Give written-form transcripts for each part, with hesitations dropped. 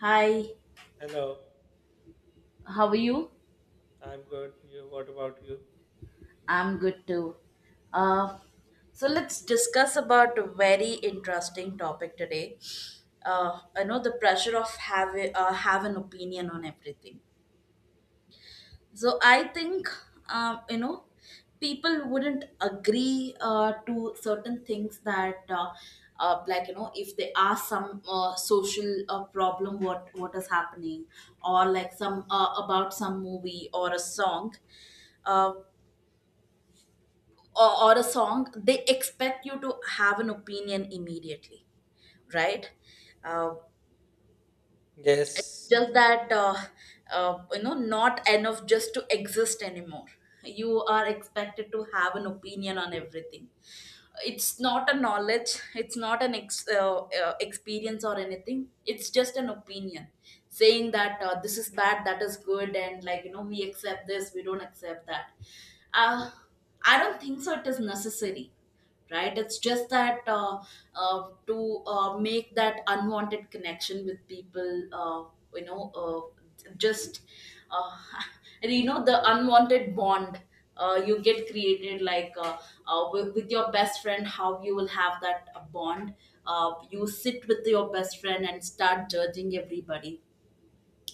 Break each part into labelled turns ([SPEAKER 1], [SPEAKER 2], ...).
[SPEAKER 1] Hi,
[SPEAKER 2] Hello,
[SPEAKER 1] how are you?
[SPEAKER 2] I'm good. You, what about you?
[SPEAKER 1] I'm good too. Uh, so let's discuss about a very interesting topic today. I know the pressure of have an opinion on everything. So I think um, you know people wouldn't agree to certain things that like if they are some social problem, what is happening, or like some about some movie or a song uh, or a song, they expect you to have an opinion immediately, right? Uh, it's
[SPEAKER 2] Yes,
[SPEAKER 1] just that not enough just to exist anymore. You are expected to have an opinion on everything. It's not a knowledge, it's not an experience or anything, it's just an opinion, saying that this is bad, that is good, and like we accept this, we don't accept that uh, I don't think so it is necessary, right? It's just that to make that unwanted connection with people, you know just uh, and the unwanted bond you get created, like with your best friend how you will have that bond. You sit with your best friend and start judging everybody,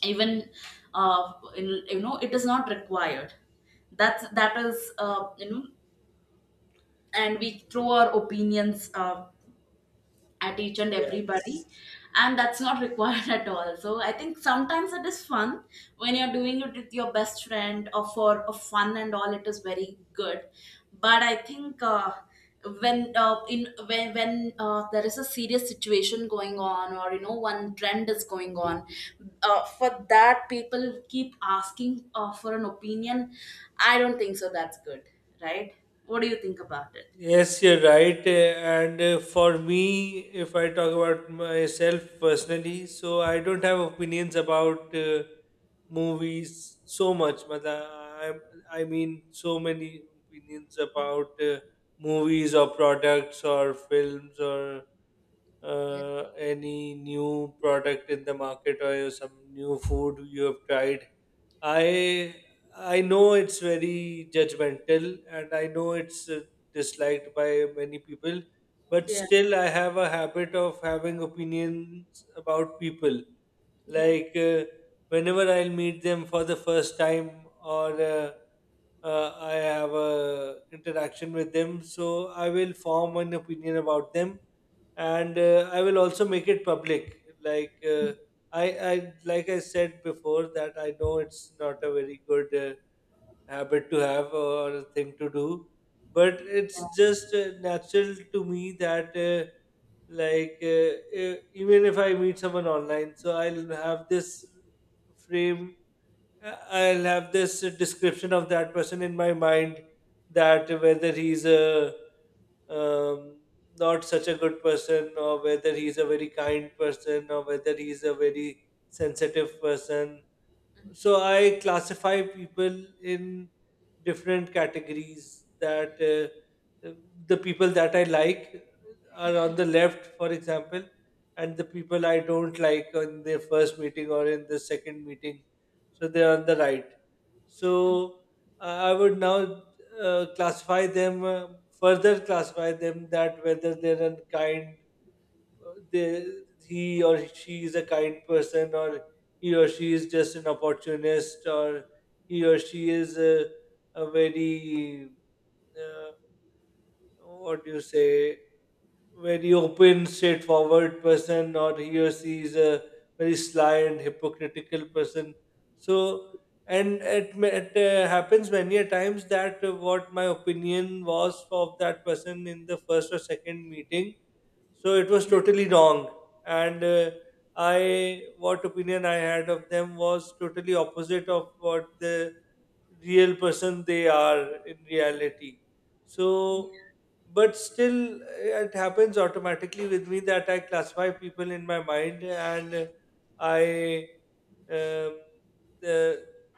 [SPEAKER 1] even, it is not required. That is and we throw our opinions at each and everybody.
[SPEAKER 2] yes.
[SPEAKER 1] And that's not required at all. So I think sometimes it is fun when you're doing it with your best friend, or for a fun and all, it is very good. But I think when in when when there is a serious situation going on, or one trend is going on, for that people keep asking for an opinion. I don't think so that's good, right? What do you think about it?
[SPEAKER 2] Yes, you're right. And for me, if I talk about myself personally, so I don't have opinions about movies so much. But I mean, so many opinions about movies or products or films or
[SPEAKER 1] Yeah.
[SPEAKER 2] any new product in the market or some new food you have tried. I I know it's very judgmental, and I know it's disliked by many people, but
[SPEAKER 1] Yeah,
[SPEAKER 2] still I have a habit of having opinions about people.
[SPEAKER 1] yeah,
[SPEAKER 2] Like, whenever I'll meet them for the first time or I have a interaction with them, so I will form an opinion about them, and I will also make it public. Like, I, like I said before, that I know it's not a very good, habit to have or a thing to do, but it's
[SPEAKER 1] yeah
[SPEAKER 2] just natural to me that like, even if I meet someone online. So I'll have this frame, I'll have this description of that person in my mind, that whether he's a um, not such a good person, or whether he's a very kind person, or whether he's a very sensitive person. So I classify people in different categories, that the people that I like are on the left, for example, and the people I don't like on their first meeting or in the second meeting, so they're on the right. So i I would now classify them, further classify them, that whether they're unkind, they, he or she is a kind person, or he or she is just an opportunist, or he or she is a very, uh, what do you say, very open, straightforward person, or he or she is a very sly and hypocritical person. So, and it happens many a times that what my opinion was of that person in the first or second meeting, so it was totally wrong. And what opinion I had of them was totally opposite of what the real person they are in reality. So, but still it happens automatically with me that I classify people in my mind and I um, uh,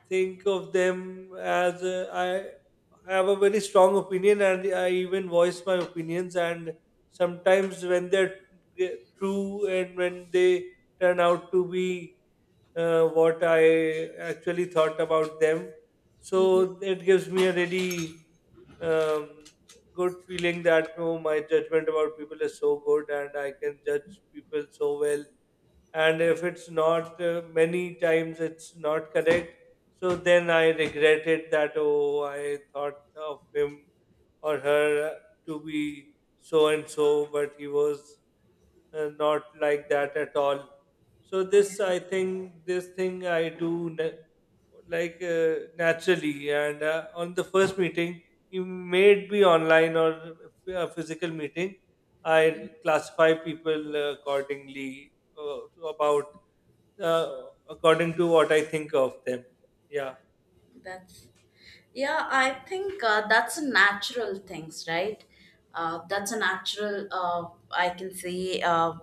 [SPEAKER 2] think of them as, I have a very strong opinion and I even voice my opinions. And sometimes when they're true and when they turn out to be what I actually thought about them. So it gives me a really um, good feeling that, oh, my judgment about people is so good and I can judge people so well. And if it's not, many times it's not correct. So then I regret it that, oh, I thought of him or her to be so and so, but he was not like that at all. So this, I think, this thing I do like, naturally, and on the first meeting, you may it be online or a physical meeting. I classify people accordingly, about uh, according to what I think of them. Yeah,
[SPEAKER 1] that's Yeah, I think that's a natural things, right? That's a natural, I can say, uh,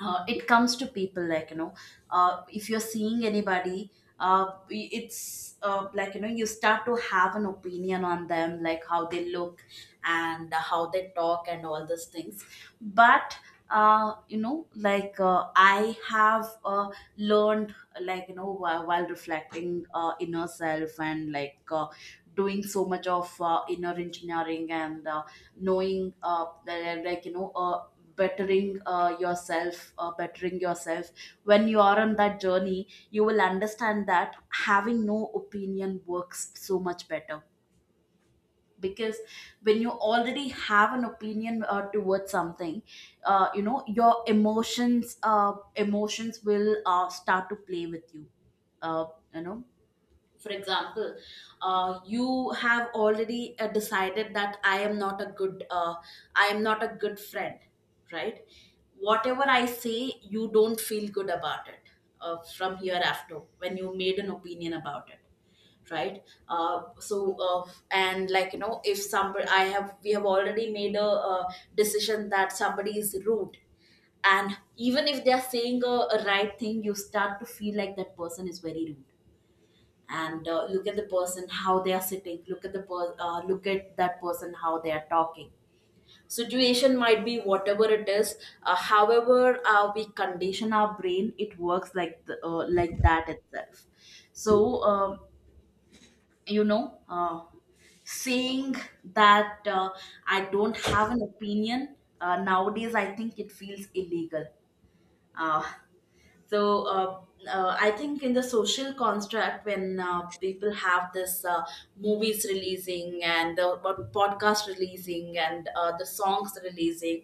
[SPEAKER 1] uh, it comes to people like if you're seeing anybody, it's like you start to have an opinion on them, like how they look and how they talk and all those things. But like I have learned, like while reflecting inner self, and like doing so much of inner engineering, and knowing that, like bettering yourself, bettering yourself. When you are on that journey, you will understand that having no opinion works so much better, because when you already have an opinion towards something, your emotions will start to play with you. Uh, you know For example, you have already decided that I am not a good friend, right? Whatever I say, you don't feel good about it, from hereafter, when you made an opinion about it, right? And like if somebody, I have we have already made a decision that somebody is rude, and even if they are saying a right thing, you start to feel like that person is very rude, and look at the person how they are sitting, look at that person how they are talking. Situation might be whatever it is, however we condition our brain, it works like like that itself. So you know uh, saying that, I don't have an opinion, nowadays I think it feels illegal. Uh, so uh, I think in the social construct, when people have this, movies releasing and podcast releasing, and the songs releasing,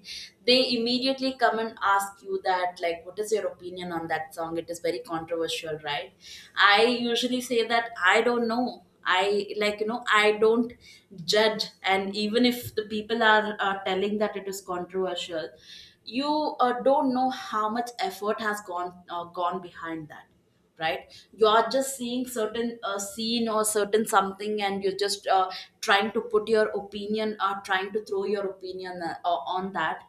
[SPEAKER 1] they immediately come and ask you that, like, what is your opinion on that song? It is very controversial, right? I usually say that I don't know. I, like I don't judge, and even if the people are telling that it is controversial, you don't know how much effort has gone behind that, right? You are just seeing certain scene or certain something, and you're just trying to put your opinion or trying to throw your opinion on that.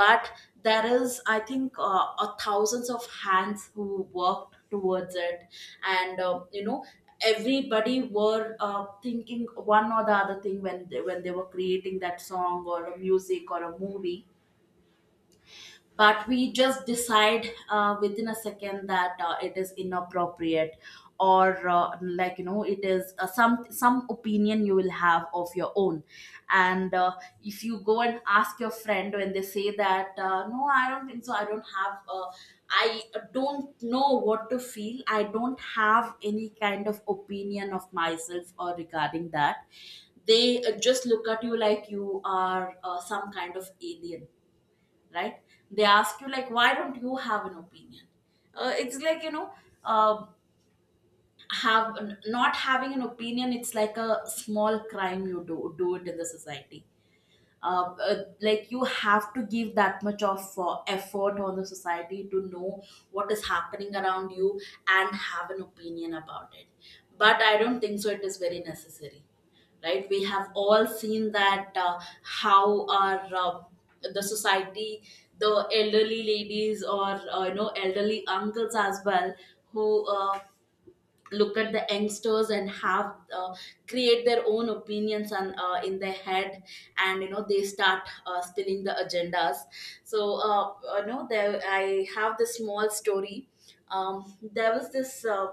[SPEAKER 1] But there is, I think, a thousands of hands who worked towards it, and everybody were thinking one or the other thing when they were creating that song or a music or a movie. But we just decide within a second that it is inappropriate, or like it is some opinion you will have of your own. And if you go and ask your friend, when they say that, no, I don't think so, I don't have, I don't know what to feel, I don't have any kind of opinion of myself or regarding that, they just look at you like you are some kind of alien, right? They ask you, like, why don't you have an opinion? It's like, you know uh, have not having an opinion, it's like a small crime you do it in the society. Like, you have to give that much of effort on the society to know what is happening around you and have an opinion about it. But I don't think so it is very necessary, right? We have all seen that, how our, the society, the elderly ladies or elderly uncles as well, who look at the youngsters and have create their own opinions on in their head, and they start spilling the agendas. So there, I have this small story. There was this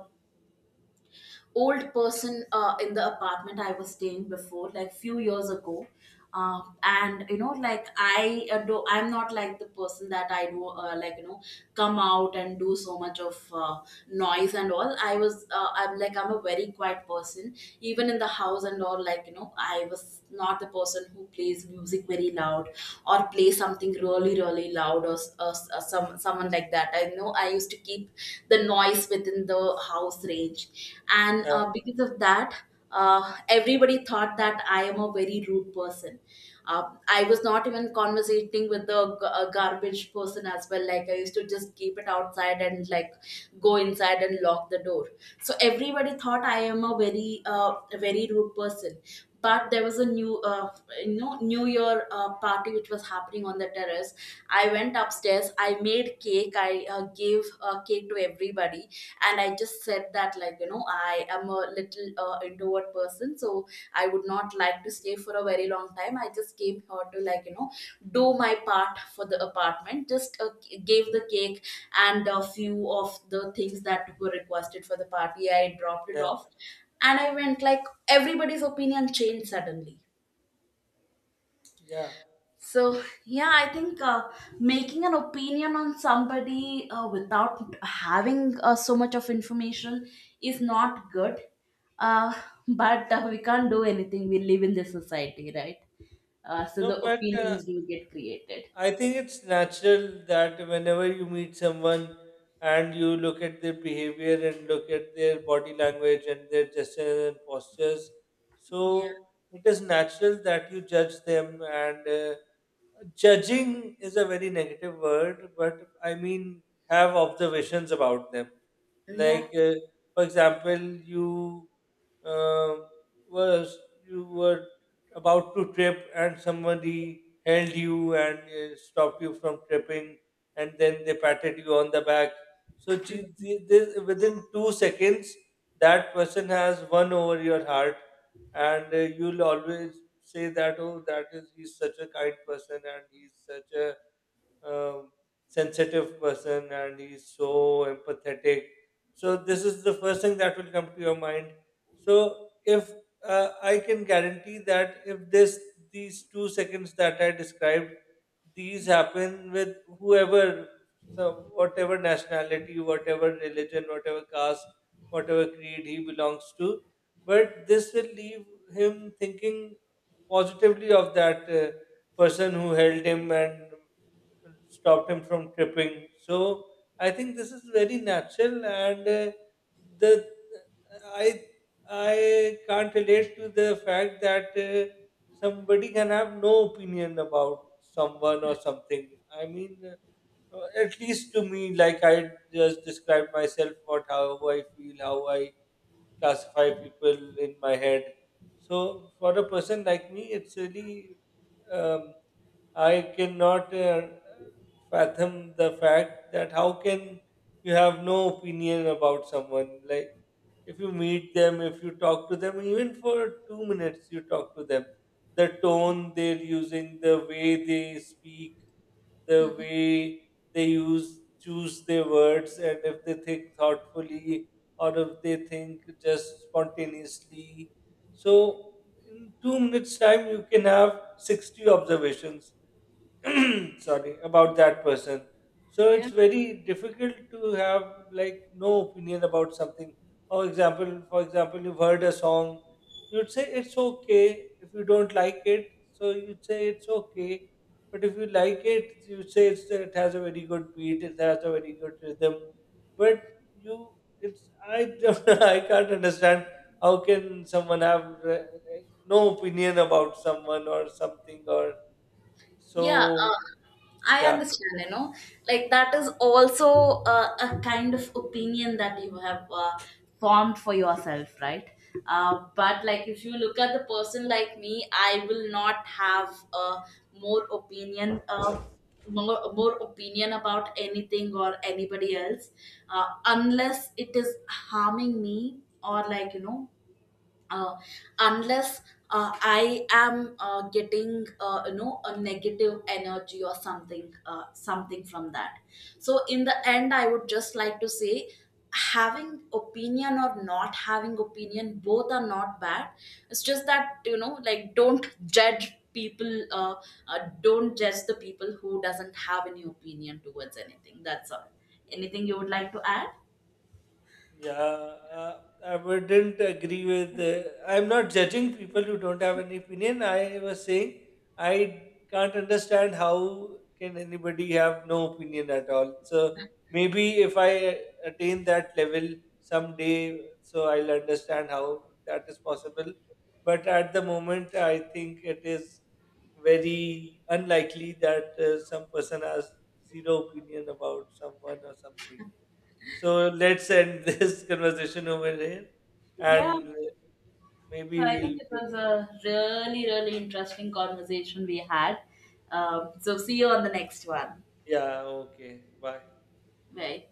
[SPEAKER 1] old person in the apartment I was staying before, like few years ago. And like, I'm not like the person that I do, come out and do so much of noise and all. I was, I'm like, I'm a very quiet person, even in the house and all. Like I was not the person who plays music very loud or play something really, really loud, or someone like that. I know I used to keep the noise within the house range. And
[SPEAKER 2] yeah,
[SPEAKER 1] because of that, everybody thought that I am a very rude person. I was not even conversating with the garbage person as well. Like I used to just keep it outside and, like, go inside and lock the door. So everybody thought I am a very rude person, but there was a new, new year party which was happening on the terrace. I went upstairs, I made cake, I gave cake to everybody, and I just said that like I am a little introvert person, so I would not like to stay for a very long time, I just came here to, like do my part for the apartment, just gave the cake and a few of the things that were requested for the party, I dropped it
[SPEAKER 2] yeah,
[SPEAKER 1] off and I went, like everybody's opinion changed suddenly.
[SPEAKER 2] yeah.
[SPEAKER 1] So yeah, I think, making an opinion on somebody, without having, so much of information is not good. uh, but we can't do anything, we live in this society, right? So
[SPEAKER 2] No,
[SPEAKER 1] the
[SPEAKER 2] but
[SPEAKER 1] opinions do get created.
[SPEAKER 2] I think it's natural that whenever you meet someone and you look at their behavior and look at their body language and their gestures and postures,
[SPEAKER 1] Yeah,
[SPEAKER 2] so it is natural that you judge them. And judging is a very negative word, but I mean, have observations about them.
[SPEAKER 1] yeah,
[SPEAKER 2] Like, for example, you uh, was you were about to trip, and somebody held you and stopped you from tripping, and then they patted you on the back. So gee, this, within 2 seconds, that person has won over your heart, and you'll always say that, oh, that is he's such a kind person, and he's such a um, sensitive person, and he's so empathetic. So this is the first thing that will come to your mind. So if I can guarantee that if this these 2 seconds that I described, these happen with whoever, so whatever nationality, whatever religion, whatever caste, whatever creed he belongs to, but this will leave him thinking positively of that person who held him and stopped him from tripping. So I think this is very natural, and the I I can't relate to the fact that somebody can have no opinion about someone or something. I mean, at least to me, like I just described myself, what how I feel, how I classify people in my head. So for a person like me, it's really um, I cannot fathom the fact that how can you have no opinion about someone? Like, if you meet them, if you talk to them, even for 2 minutes, you talk to them. The tone they're using, the way they speak, the way they use choose their words, and if they think thoughtfully or if they think just spontaneously. So, in 2 minutes' time, you can have 60 observations sorry about that person. So it's
[SPEAKER 1] yeah.
[SPEAKER 2] very difficult to have like no opinion about something. For example, you've heard a song. You'd say it's okay if you don't like it, so you'd say it's okay. But if you like it, you say it has a very good beat, it has a very good rhythm. But you it's I don't, I can't understand how can someone have uh, no opinion about someone or something or
[SPEAKER 1] Yeah,
[SPEAKER 2] so.
[SPEAKER 1] I
[SPEAKER 2] Yeah,
[SPEAKER 1] understand, like that is also a kind of opinion that you have formed for yourself, right? But, like, if you look at the person like me, I will not have, more opinion of more opinion about anything or anybody else, unless it is harming me, or like uh, unless I am getting, a negative energy or something from that. So in the end, I would just like to say, having opinion or not having opinion, both are not bad. It's just that, like, don't judge people, don't judge the people who doesn't have any opinion towards anything, that's all. Anything you would like to add?
[SPEAKER 2] yeah. I wouldn't agree with. I'm not judging people who don't have an opinion. I was saying I can't understand how can anybody have no opinion at all. So maybe if I attain that level someday, so I'll understand how that is possible. But at the moment, I think it is very unlikely that some person has zero opinion about someone or something. So let's end this conversation over here,
[SPEAKER 1] Yeah.
[SPEAKER 2] and maybe
[SPEAKER 1] So I think it
[SPEAKER 2] we'll.
[SPEAKER 1] was a really, really interesting conversation we had. So see you on the next one.
[SPEAKER 2] Yeah. Okay. Bye.
[SPEAKER 1] Bye.